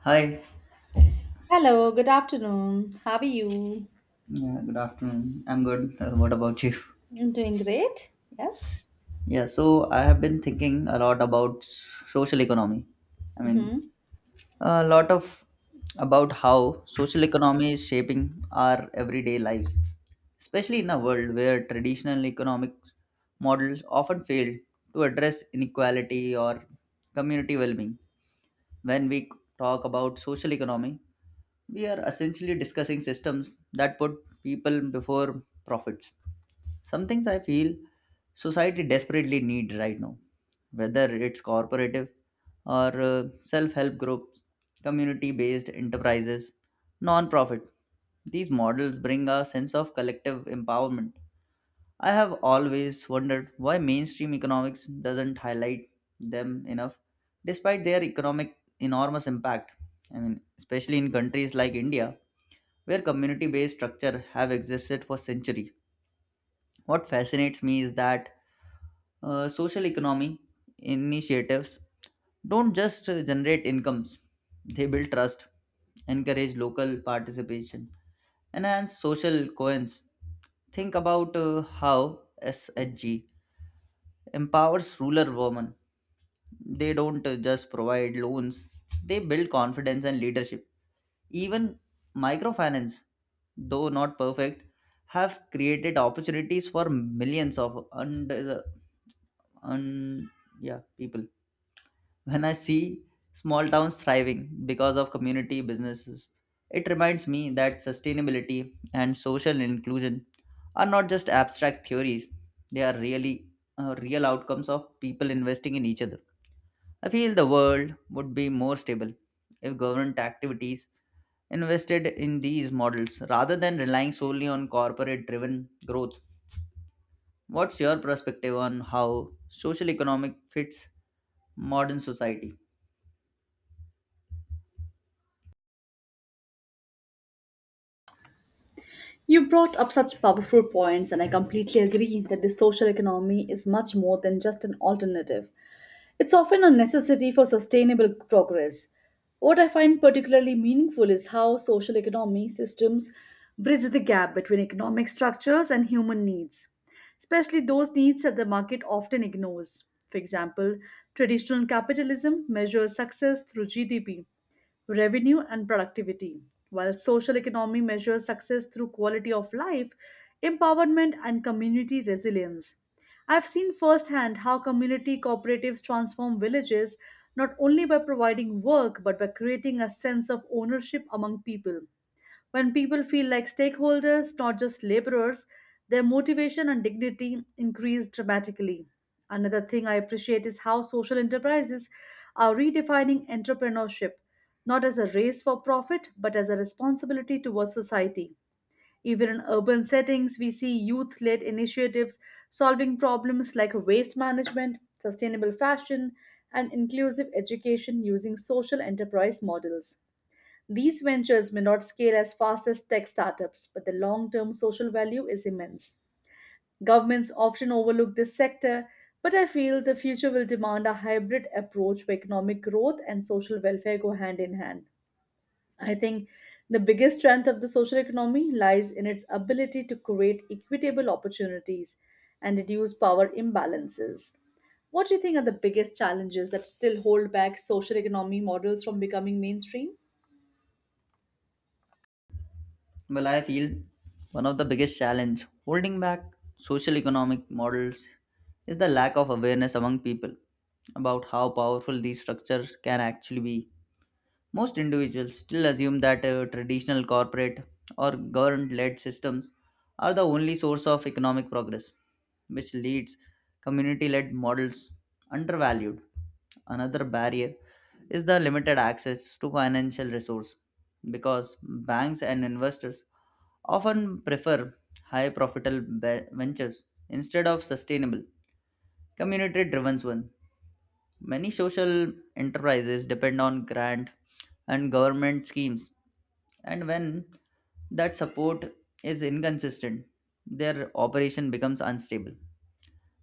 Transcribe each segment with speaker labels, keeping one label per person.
Speaker 1: Hi.
Speaker 2: Hello, good afternoon. How are you?
Speaker 1: Yeah, good afternoon. I'm good. What about you?
Speaker 2: I'm doing great. Yes.
Speaker 1: Yeah, so I have been thinking a lot about social economy. I mean,
Speaker 2: Mm-hmm.
Speaker 1: a lot of about how social economy is shaping our everyday lives, especially in a world where traditional economic models often fail to address inequality or community well-being. When we talk about social economy, we are essentially discussing systems that put people before profits. Some things I feel society desperately need right now, whether it's corporative or self-help groups, community-based enterprises, non-profit. These models bring a sense of collective empowerment. I have always wondered why mainstream economics doesn't highlight them enough, despite their economic enormous impact. I mean, especially in countries like India, where community-based structure have existed for centuries. What fascinates me is that social economy initiatives don't just generate incomes, they build trust, encourage local participation, enhance social coins. Think about how SHG empowers rural women. They don't just provide loans, they build confidence and leadership. Even microfinance, though not perfect, have created opportunities for millions of under the un, yeah, people. When I see small towns thriving because of community businesses, it reminds me that sustainability and social inclusion are not just abstract theories, they are really real outcomes of people investing in each other. I feel the world would be more stable if government activities invested in these models rather than relying solely on corporate driven growth. What's your perspective on how social economic fits modern society?
Speaker 2: You brought up such powerful points, and I completely agree that the social economy is much more than just an alternative. It's often a necessity for sustainable progress. What I find particularly meaningful is how social economy systems bridge the gap between economic structures and human needs, especially those needs that the market often ignores. For example, traditional capitalism measures success through GDP revenue and productivity, while social economy measures success through quality of life, empowerment, and community resilience. I've seen firsthand how community cooperatives transform villages not only by providing work but by creating a sense of ownership among people. When people feel like stakeholders, not just laborers, their motivation and dignity increase dramatically. Another thing I appreciate is how social enterprises are redefining entrepreneurship, not as a race for profit, but as a responsibility towards society. Even in urban settings, we see youth led initiatives solving problems like waste management, sustainable fashion, and inclusive education using social enterprise models. These ventures may not scale as fast as tech startups, but the long term social value is immense. Governments often overlook this sector, but I feel the future will demand a hybrid approach where economic growth and social welfare go hand in hand. I think the biggest strength of the social economy lies in its ability to create equitable opportunities and reduce power imbalances. What do you think are the biggest challenges that still hold back social economy models from becoming mainstream?
Speaker 1: Well, I feel one of the biggest challenge holding back social economic models is the lack of awareness among people about how powerful these structures can actually be. Most individuals still assume that traditional corporate or government led systems are the only source of economic progress, which leads community led models undervalued. Another barrier is the limited access to financial resource because banks and investors often prefer high profitable ventures instead of sustainable community driven ones. Many social enterprises depend on grant and government schemes, and when that support is inconsistent, their operation becomes unstable.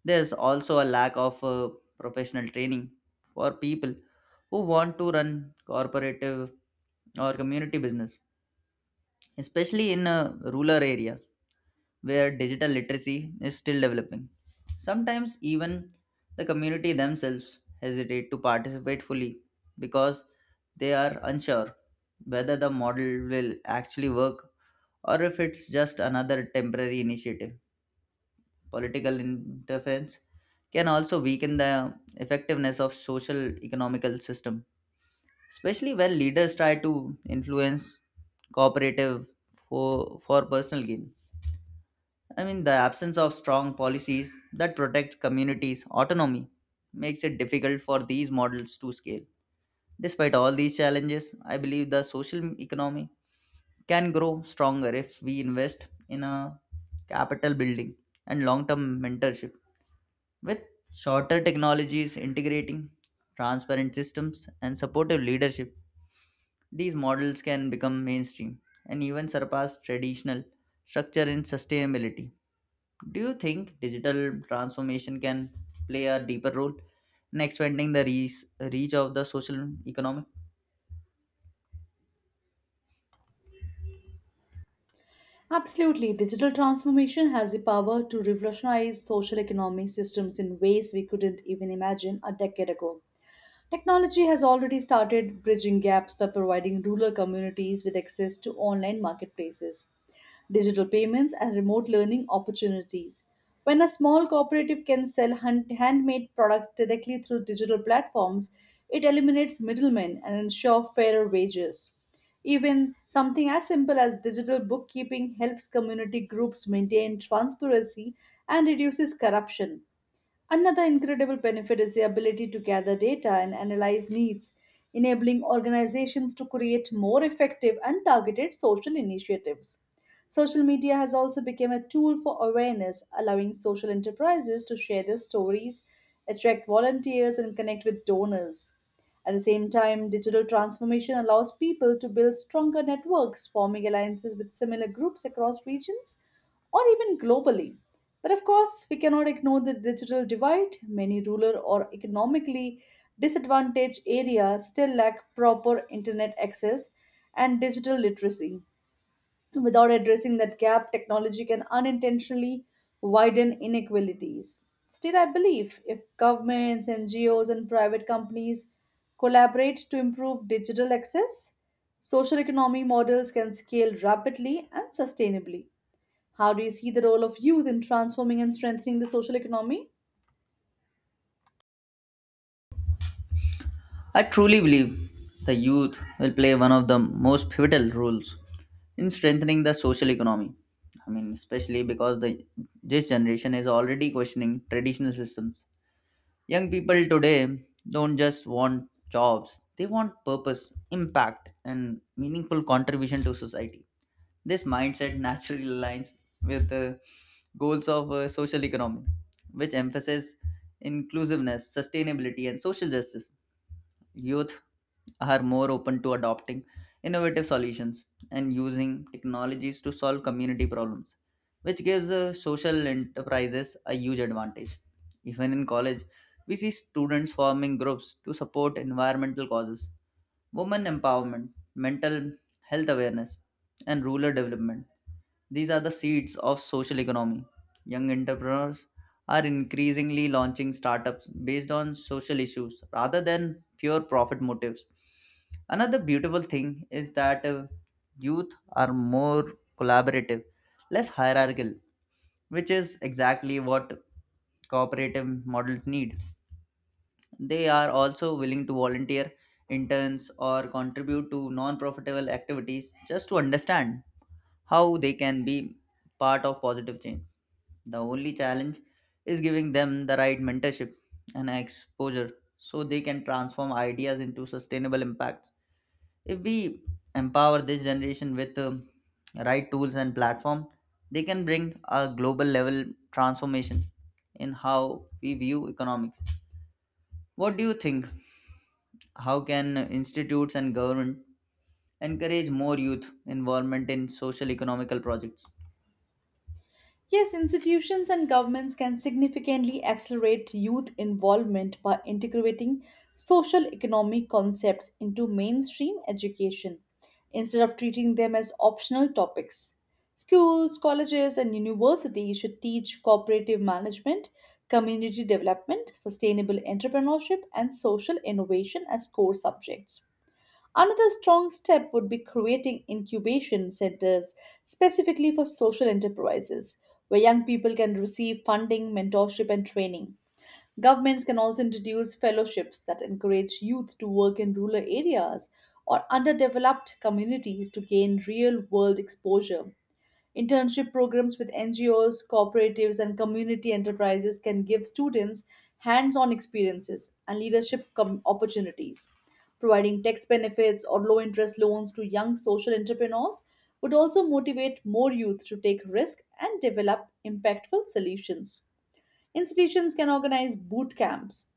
Speaker 1: There's also a lack of professional training for people who want to run corporative or community business, especially in rural areas where digital literacy is still developing. Sometimes even the community themselves hesitate to participate fully because they are unsure whether the model will actually work or if it's just another temporary initiative. Political interference can also weaken the effectiveness of social economical system, especially when leaders try to influence cooperative for personal gain. I mean, the absence of strong policies that protect communities' autonomy makes it difficult for these models to scale. Despite all these challenges, I believe the social economy can grow stronger if we invest in a capital building and long term mentorship. With shorter technologies integrating, transparent systems, and supportive leadership, these models can become mainstream and even surpass traditional structure in sustainability. Do you think digital transformation can play a deeper role in expanding the reach of the social economy?
Speaker 2: Absolutely. Digital transformation has the power to revolutionize social economic systems in ways we couldn't even imagine a decade ago. Technology has already started bridging gaps by providing rural communities with access to online marketplaces, digital payments, and remote learning opportunities. When a small cooperative can sell handmade products directly through digital platforms, it eliminates middlemen and ensures fairer wages. Even something as simple as digital bookkeeping helps community groups maintain transparency and reduces corruption. Another incredible benefit is the ability to gather data and analyze needs, enabling organizations to create more effective and targeted social initiatives. Social media has also become a tool for awareness, allowing social enterprises to share their stories, attract volunteers, and connect with donors. At the same time, digital transformation allows people to build stronger networks, forming alliances with similar groups across regions or even globally. But of course, we cannot ignore the digital divide. Many rural or economically disadvantaged areas still lack proper internet access and digital literacy. Without addressing that gap, technology can unintentionally widen inequalities. Still, I believe if governments, NGOs, and private companies collaborate to improve digital access, social economy models can scale rapidly and sustainably. How do you see the role of youth in transforming and strengthening the social economy?
Speaker 1: I truly believe the youth will play one of the most pivotal roles in strengthening the social economy. I mean, especially because the this generation is already questioning traditional systems. Young people today don't just want jobs; they want purpose, impact, and meaningful contribution to society. This mindset naturally aligns with the goals of social economy, which emphasize inclusiveness, sustainability, and social justice. Youth are more open to adopting innovative solutions and using technologies to solve community problems, which gives social enterprises a huge advantage. Even in college, we see students forming groups to support environmental causes, women empowerment, mental health awareness, and rural development. These are the seeds of social economy. Young entrepreneurs are increasingly launching startups based on social issues rather than pure profit motives. Another beautiful thing is that youth are more collaborative, less hierarchical, which is exactly what cooperative models need. They are also willing to volunteer, interns, or contribute to non profitable activities just to understand how they can be part of positive change. The only challenge is giving them the right mentorship and exposure so they can transform ideas into sustainable impacts. If we empower this generation with right tools and platform, they can bring a global level transformation in how we view economics. What do you think? How can institutes and government encourage more youth involvement in social economical projects?
Speaker 2: Yes, institutions and governments can significantly accelerate youth involvement by integrating social economic concepts into mainstream education instead of treating them as optional topics. Schools, colleges, and universities should teach cooperative management, community development, sustainable entrepreneurship, and social innovation as core subjects. Another strong step would be creating incubation centers specifically for social enterprises, where young people can receive funding, mentorship, and training. Governments can also introduce fellowships that encourage youth to work in rural areas or underdeveloped communities to gain real world exposure. Internship programs with NGOs, cooperatives, and community enterprises can give students hands on experiences and leadership opportunities. Providing tax benefits or low interest loans to young social entrepreneurs would also motivate more youth to take risks and develop impactful solutions. Institutions can organize boot camps,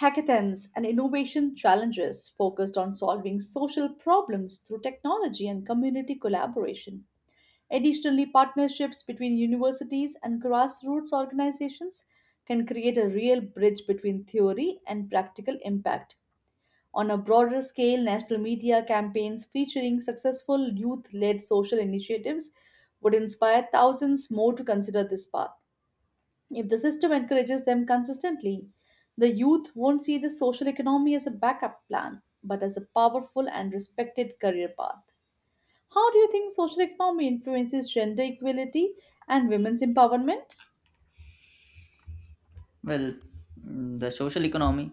Speaker 2: hackathons, and innovation challenges focused on solving social problems through technology and community collaboration. Additionally, partnerships between universities and grassroots organizations can create a real bridge between theory and practical impact. On a broader scale, national media campaigns featuring successful youth led social initiatives would inspire thousands more to consider this path. If the system encourages them consistently, the youth won't see the social economy as a backup plan, but as a powerful and respected career path. How do you think social economy influences gender equality and women's empowerment?
Speaker 1: Well, the social economy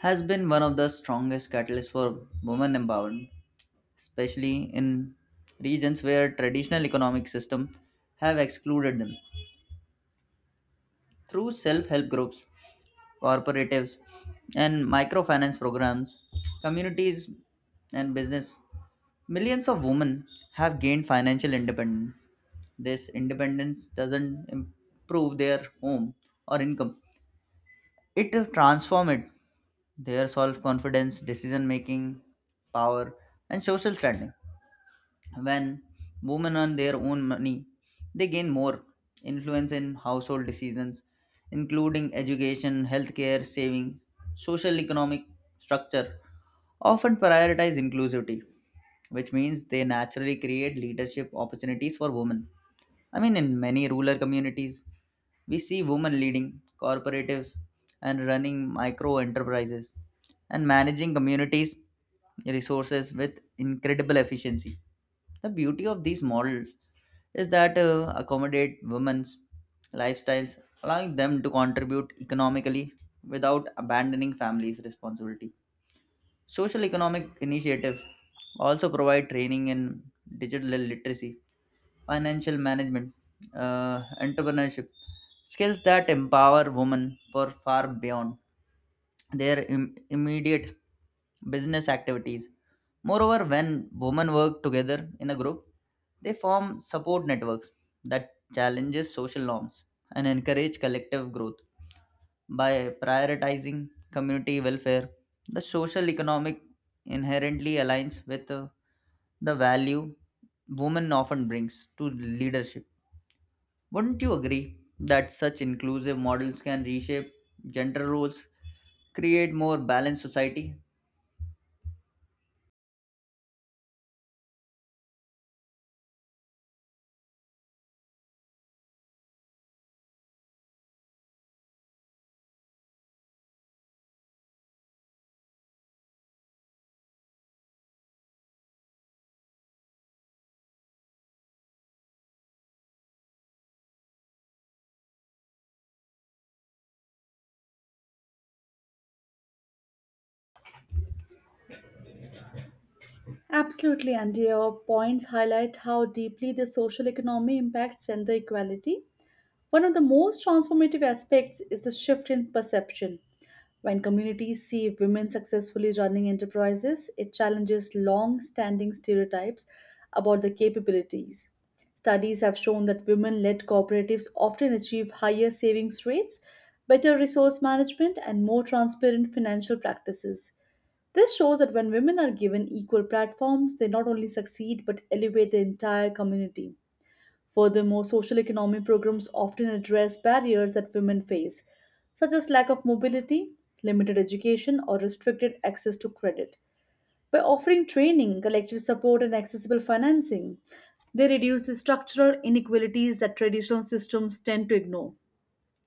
Speaker 1: has been one of the strongest catalysts for women empowerment, especially in regions where traditional economic systems have excluded them. Through self-help groups, cooperatives, and microfinance programs, communities and business, millions of women have gained financial independence. This independence doesn't improve their home or income; it transforms it their self confidence, decision making, power, and social standing. When women earn their own money, they gain more influence in household decisions, including education, healthcare, saving, social economic structure. Often prioritize inclusivity, which means they naturally create leadership opportunities for women. I mean, in many rural communities, we see women leading cooperatives and running micro enterprises and managing communities' resources with incredible efficiency. The beauty of these models is that accommodate women's lifestyles, allowing them to contribute economically without abandoning families' responsibility. Social economic initiatives also provide training in digital literacy financial management, entrepreneurship, skills that empower women for far beyond their immediate business activities. Moreover, when women work together in a group, they form support networks that challenges social norms and encourage collective growth by prioritizing community welfare. The social economic inherently aligns with the value women often brings to leadership. Wouldn't you agree that such inclusive models can reshape gender roles, create more balanced society?
Speaker 2: Absolutely, and your points highlight how deeply the social economy impacts gender equality. One of the most transformative aspects is the shift in perception. When communities see women successfully running enterprises, it challenges long standing stereotypes about their capabilities. Studies have shown that women led cooperatives often achieve higher savings rates, better resource management, and more transparent financial practices. This shows that when women are given equal platforms, they not only succeed but elevate the entire community. Furthermore, social economy programs often address barriers that women face, such as lack of mobility, limited education, or restricted access to credit. By offering training, collective support, and accessible financing, they reduce the structural inequalities that traditional systems tend to ignore.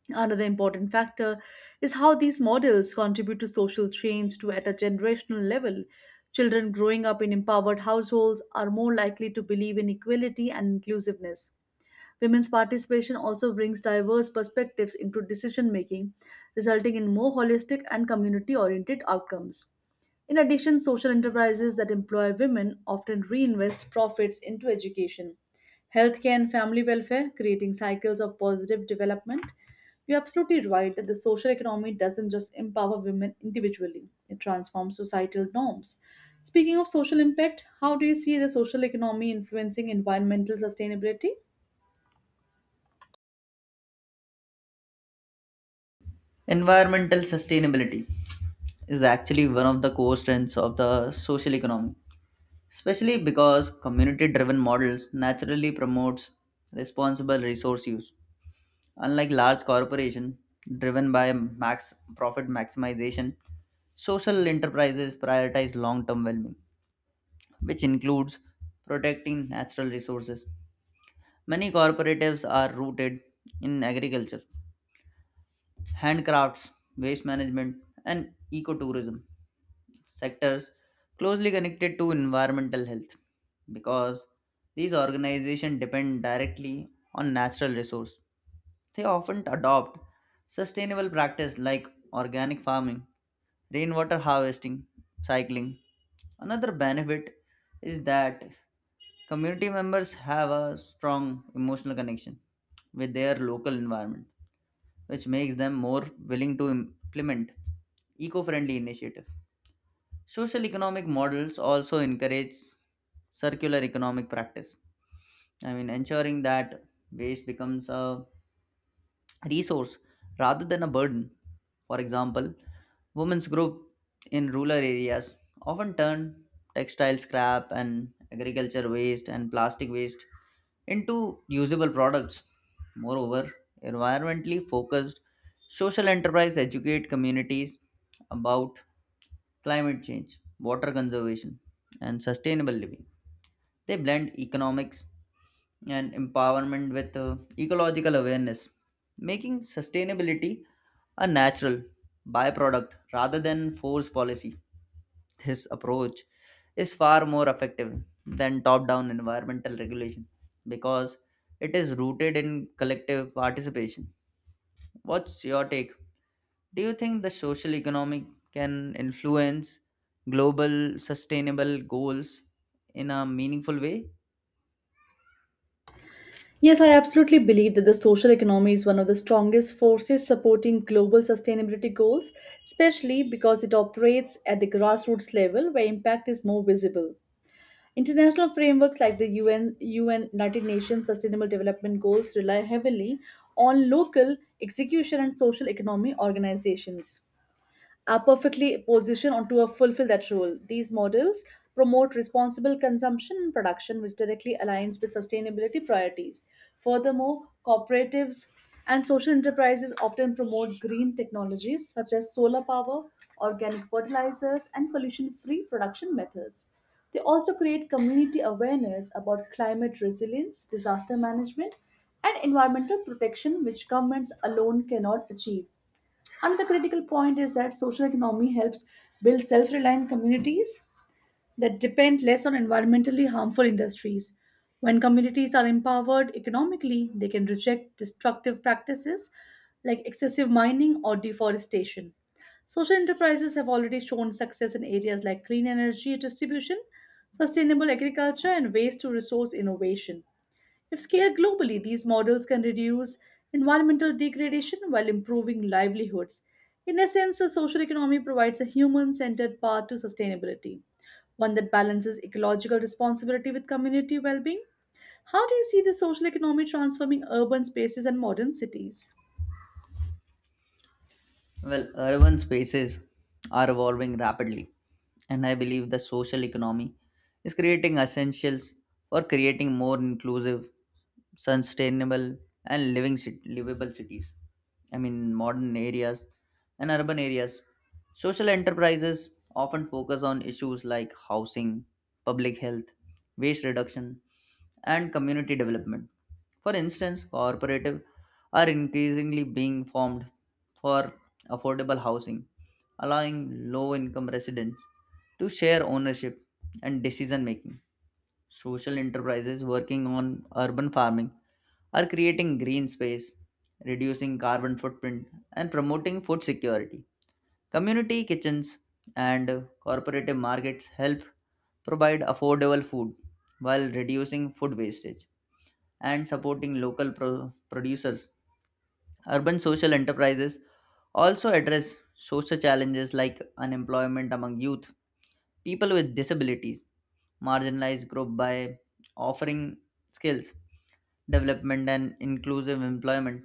Speaker 2: Another important factor is how these models contribute to social change to at a generational level. Children growing up in empowered households are more likely to believe in equality and inclusiveness. Women's participation also brings diverse perspectives into decision making, resulting in more holistic and community oriented outcomes. In addition, social enterprises that employ women often reinvest profits into education, healthcare, and family welfare, creating cycles of positive development. You're absolutely right that the social economy doesn't just empower women individually, it transforms societal norms. Speaking of social impact, how do you see the social economy influencing environmental sustainability?
Speaker 1: Environmental sustainability is actually one of the core strengths of the social economy, especially because community-driven models naturally promotes responsible resource use. Unlike large corporation driven by max profit maximization, social enterprises prioritize long-term well-being, which includes protecting natural resources. Many cooperatives are rooted in agriculture, handcrafts, waste management, and ecotourism sectors closely connected to environmental health because these organizations depend directly on natural resources. They often adopt sustainable practices like organic farming, rainwater harvesting, cycling. Another benefit is that community members have a strong emotional connection with their local environment, which makes them more willing to implement eco friendly initiatives. Social economic models also encourage circular economic practice. I mean, ensuring that waste becomes a resource rather than a burden. For example, women's group in rural areas often turn textile scrap and agriculture waste and plastic waste into usable products. Moreover, environmentally focused social enterprise educate communities about climate change, water conservation, and sustainable living. They blend economics and empowerment with ecological awareness, making sustainability a natural byproduct rather than forced policy. This approach is far more effective than top down environmental regulation because it is rooted in collective participation. What's your take? Do you think the social economic can influence global sustainable goals in a meaningful way?
Speaker 2: Yes, I absolutely believe that the social economy is one of the strongest forces supporting global sustainability goals, especially because it operates at the grassroots level where impact is more visible. International frameworks like the UN United Nations Sustainable Development Goals rely heavily on local execution and social economy organizations are perfectly positioned on to fulfill that role. These models promote responsible consumption and production, which directly aligns with sustainability priorities. Furthermore, cooperatives and social enterprises often promote green technologies such as solar power, organic fertilizers, and pollution free production methods. They also create community awareness about climate resilience, disaster management, and environmental protection, which governments alone cannot achieve. Another critical point is that social economy helps build self-reliant communities that depend less on environmentally harmful industries. When communities are empowered economically, they can reject destructive practices like excessive mining or deforestation. Social enterprises have already shown success in areas like clean energy distribution, sustainable agriculture, and waste to resource innovation. If scaled globally, these models can reduce environmental degradation while improving livelihoods. In essence, a social economy provides a human centered path to sustainability, one that balances ecological responsibility with community well being. How do you see the social economy transforming urban spaces and modern cities?
Speaker 1: Well, urban spaces are evolving rapidly, and I believe the social economy is creating essentials for creating more inclusive, sustainable, and livable cities. I mean, modern areas and urban areas. Social enterprises often focus on issues like housing, public health, waste reduction, and community development. For instance, cooperative are increasingly being formed for affordable housing, allowing low income residents to share ownership and decision making. Social enterprises working on urban farming are creating green space, reducing carbon footprint, and promoting food security. Community kitchens and cooperative markets help provide affordable food while reducing food wastage and supporting local producers. Urban social enterprises also address social challenges like unemployment among youth, people with disabilities, marginalized groups by offering skills, development, and inclusive employment.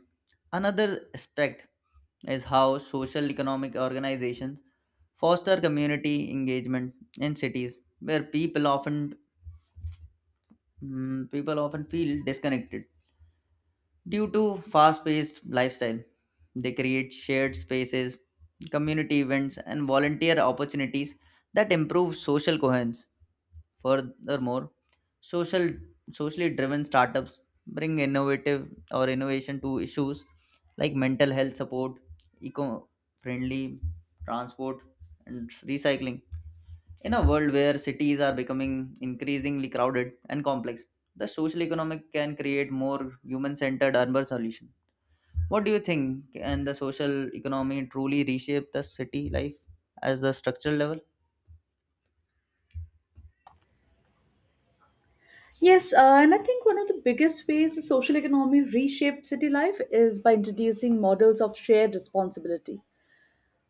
Speaker 1: Another aspect is how social economic organizations foster community engagement in cities where people often feel disconnected. Due to fast paced lifestyle, they create shared spaces, community events, and volunteer opportunities that improve social coherence. Furthermore, social, socially driven startups bring innovative or innovation to issues like mental health support, eco friendly transport, and recycling. In a world where cities are becoming increasingly crowded and complex, the social economic can create more human centered urban solutions. What do you think? Can the social economy truly reshape the city life as the structural level?
Speaker 2: Yes, and I think one of the biggest ways the social economy reshaped city life is by introducing models of shared responsibility.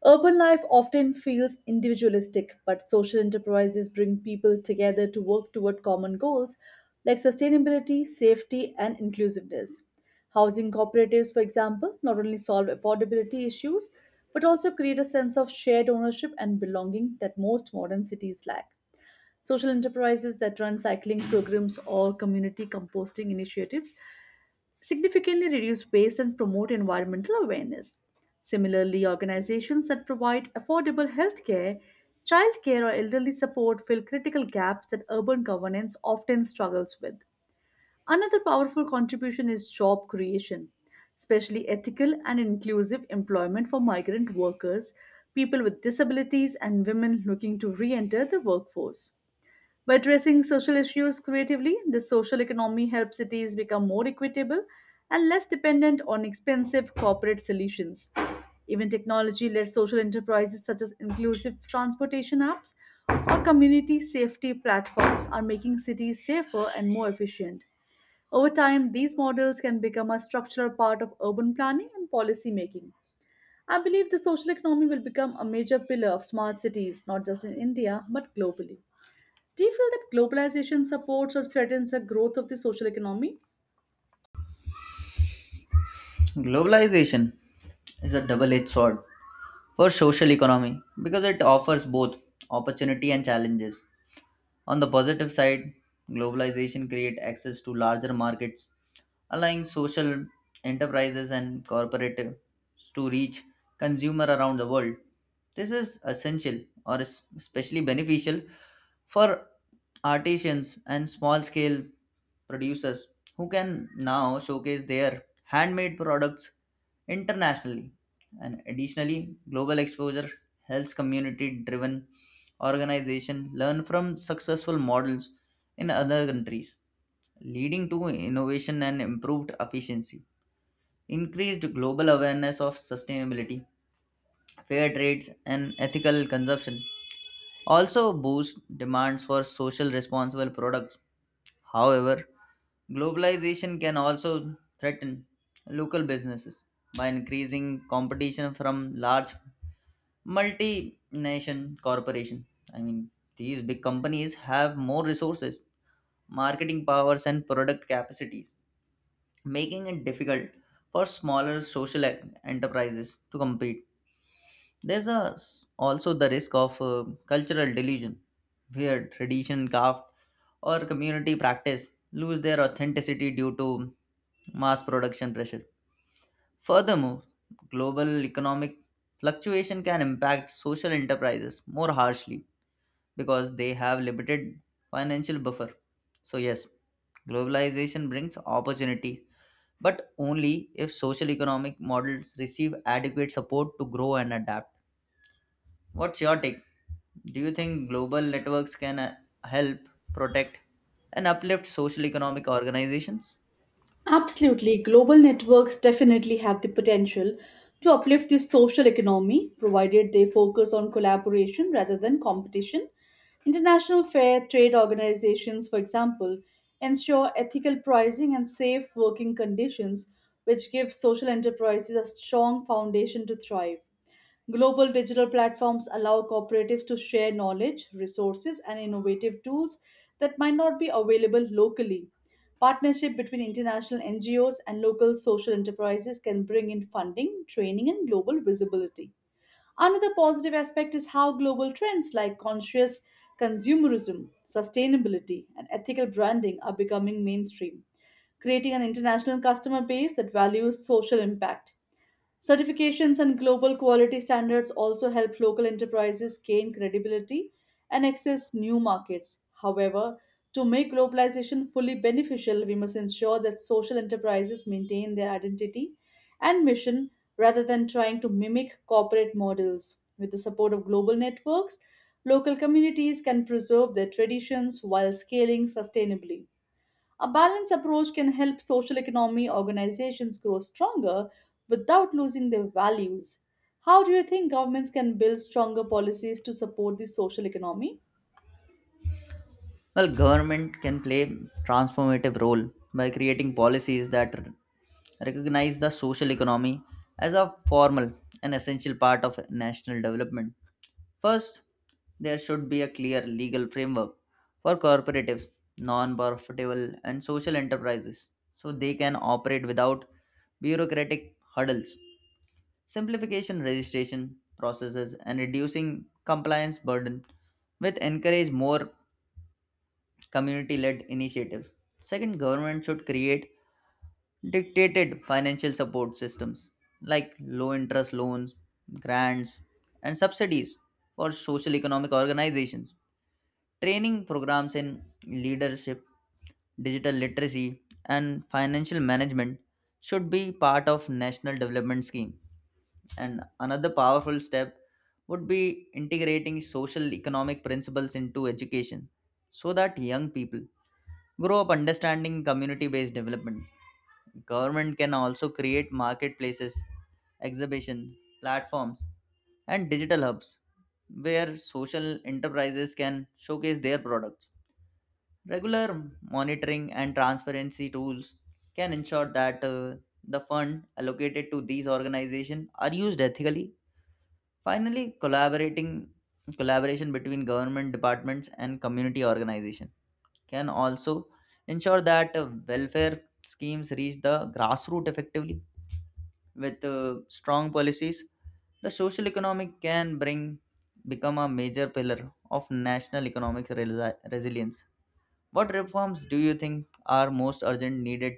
Speaker 2: Urban life often feels individualistic, but social enterprises bring people together to work toward common goals like sustainability, safety, and inclusiveness. Housing cooperatives, for example, not only solve affordability issues but also create a sense of shared ownership and belonging that most modern cities lack. Social enterprises that run cycling programs or community composting initiatives significantly reduce waste and promote environmental awareness. Similarly, organizations that provide affordable healthcare, childcare, or elderly support fill critical gaps that urban governance often struggles with. Another powerful contribution is job creation, especially ethical and inclusive employment for migrant workers, people with disabilities, and women looking to re enter the workforce. By addressing social issues creatively, the social economy helps cities become more equitable and less dependent on expensive corporate solutions. Even technology led social enterprises such as inclusive transportation apps or community safety platforms are making cities safer and more efficient. Over time, these models can become a structural part of urban planning and policy making. I believe the social economy will become a major pillar of smart cities, not just in India, but globally. Do you feel that globalization supports or threatens the growth of the social economy?
Speaker 1: Globalization is a double-edged sword for social economy because it offers both opportunity and challenges. On the positive side, globalization creates access to larger markets, allowing social enterprises and corporates to reach consumer around the world. This is essential or is especially beneficial for artisans and small scale producers who can now showcase their handmade products internationally. And additionally, global exposure helps community driven organizations learn from successful models in other countries, leading to innovation and improved efficiency. Increased global awareness of sustainability, fair trades, and ethical consumption also boost demands for social responsible products. However, globalization can also threaten local businesses by increasing competition from large multinational corporations. I mean, these big companies have more resources, marketing powers, and product capacities, making it difficult for smaller social enterprises to compete. There's a, also the risk of cultural delusion, where tradition, craft, or community practice lose their authenticity due to mass production pressure. Furthermore, global economic fluctuation can impact social enterprises more harshly because they have limited financial buffer. So yes, globalization brings opportunity, but only if social economic models receive adequate support to grow and adapt. What's your take? Do you think global networks can help protect and uplift social economic organizations?
Speaker 2: Absolutely. Global networks definitely have the potential to uplift the social economy, provided they focus on collaboration rather than competition. International fair trade organizations, for example, ensure ethical pricing and safe working conditions, which give social enterprises a strong foundation to thrive. Global digital platforms allow cooperatives to share knowledge, resources, and innovative tools that might not be available locally. Partnership between international NGOs and local social enterprises can bring in funding, training, and global visibility. Another positive aspect is how global trends like conscious consumerism, sustainability, and ethical branding are becoming mainstream, creating an international customer base that values social impact. Certifications and global quality standards also help local enterprises gain credibility and access new markets. However, to make globalization fully beneficial, we must ensure that social enterprises maintain their identity and mission rather than trying to mimic corporate models. With the support of global networks, local communities can preserve their traditions while scaling sustainably. A balanced approach can help social economy organizations grow stronger without losing their values. How do you think governments can build stronger policies to support the social economy?
Speaker 1: Well, government can play transformative role by creating policies that recognize the social economy as a formal and essential part of national development. First, there should be a clear legal framework for cooperatives, non-profitable and social enterprises so they can operate without bureaucratic hurdles. Simplification registration processes and reducing compliance burden with encourage more community-led initiatives. Second, government should create dictated financial support systems like low interest loans, grants, and subsidies for social economic organizations. Training programs in leadership, digital literacy, and financial management should be part of national development scheme and another powerful step would be integrating social economic principles into education so that young people grow up understanding community based development. Government can also create marketplaces, exhibitions, platforms, and digital hubs where social enterprises can showcase their products. Regular monitoring and transparency tools can ensure that the fund allocated to these organizations are used ethically. Finally, collaborating collaboration between government departments and community organization can also ensure that welfare schemes reach the grassroots effectively. With strong policies, the social economic can bring become a major pillar of national economic resilience. What reforms do you think are most urgent needed?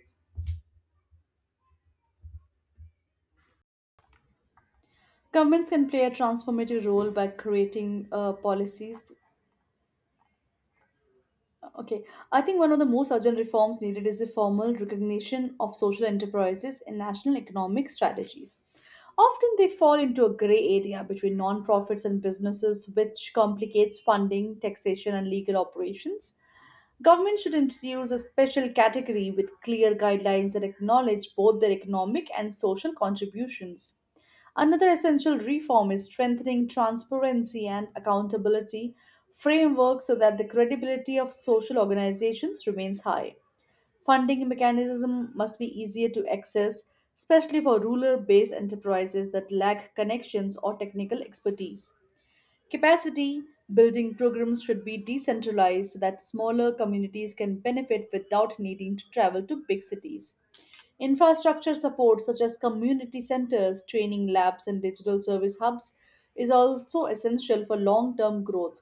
Speaker 2: Governments can play a transformative role by creating policies. Okay, I think one of the most urgent reforms needed is the formal recognition of social enterprises in national economic strategies. Often they fall into a gray area between non-profits and businesses, which complicates funding, taxation, and legal operations. Government should introduce a special category with clear guidelines that acknowledge both their economic and social contributions. Another essential reform is strengthening transparency and accountability framework so that the credibility of social organizations remains high. Funding mechanism must be easier to access, especially for rural based enterprises that lack connections or technical expertise. Capacity building programs should be decentralized so that smaller communities can benefit without needing to travel to big cities. Infrastructure support, such as community centers, training labs, and digital service hubs, is also essential for long term growth.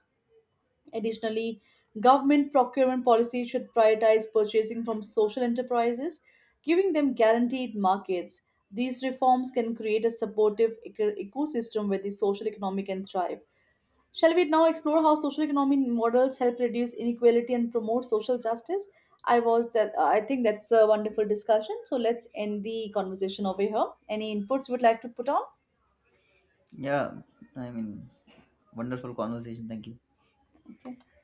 Speaker 2: Additionally, government procurement policy should prioritize purchasing from social enterprises, giving them guaranteed markets. These reforms can create a supportive ecosystem where the social economy can thrive. Shall we now explore how social economy models help reduce inequality and promote social justice? I think that's a wonderful discussion. So let's end the conversation over here. Any inputs you would like to put on?
Speaker 1: Yeah, I mean, wonderful conversation. Thank you.
Speaker 2: Okay.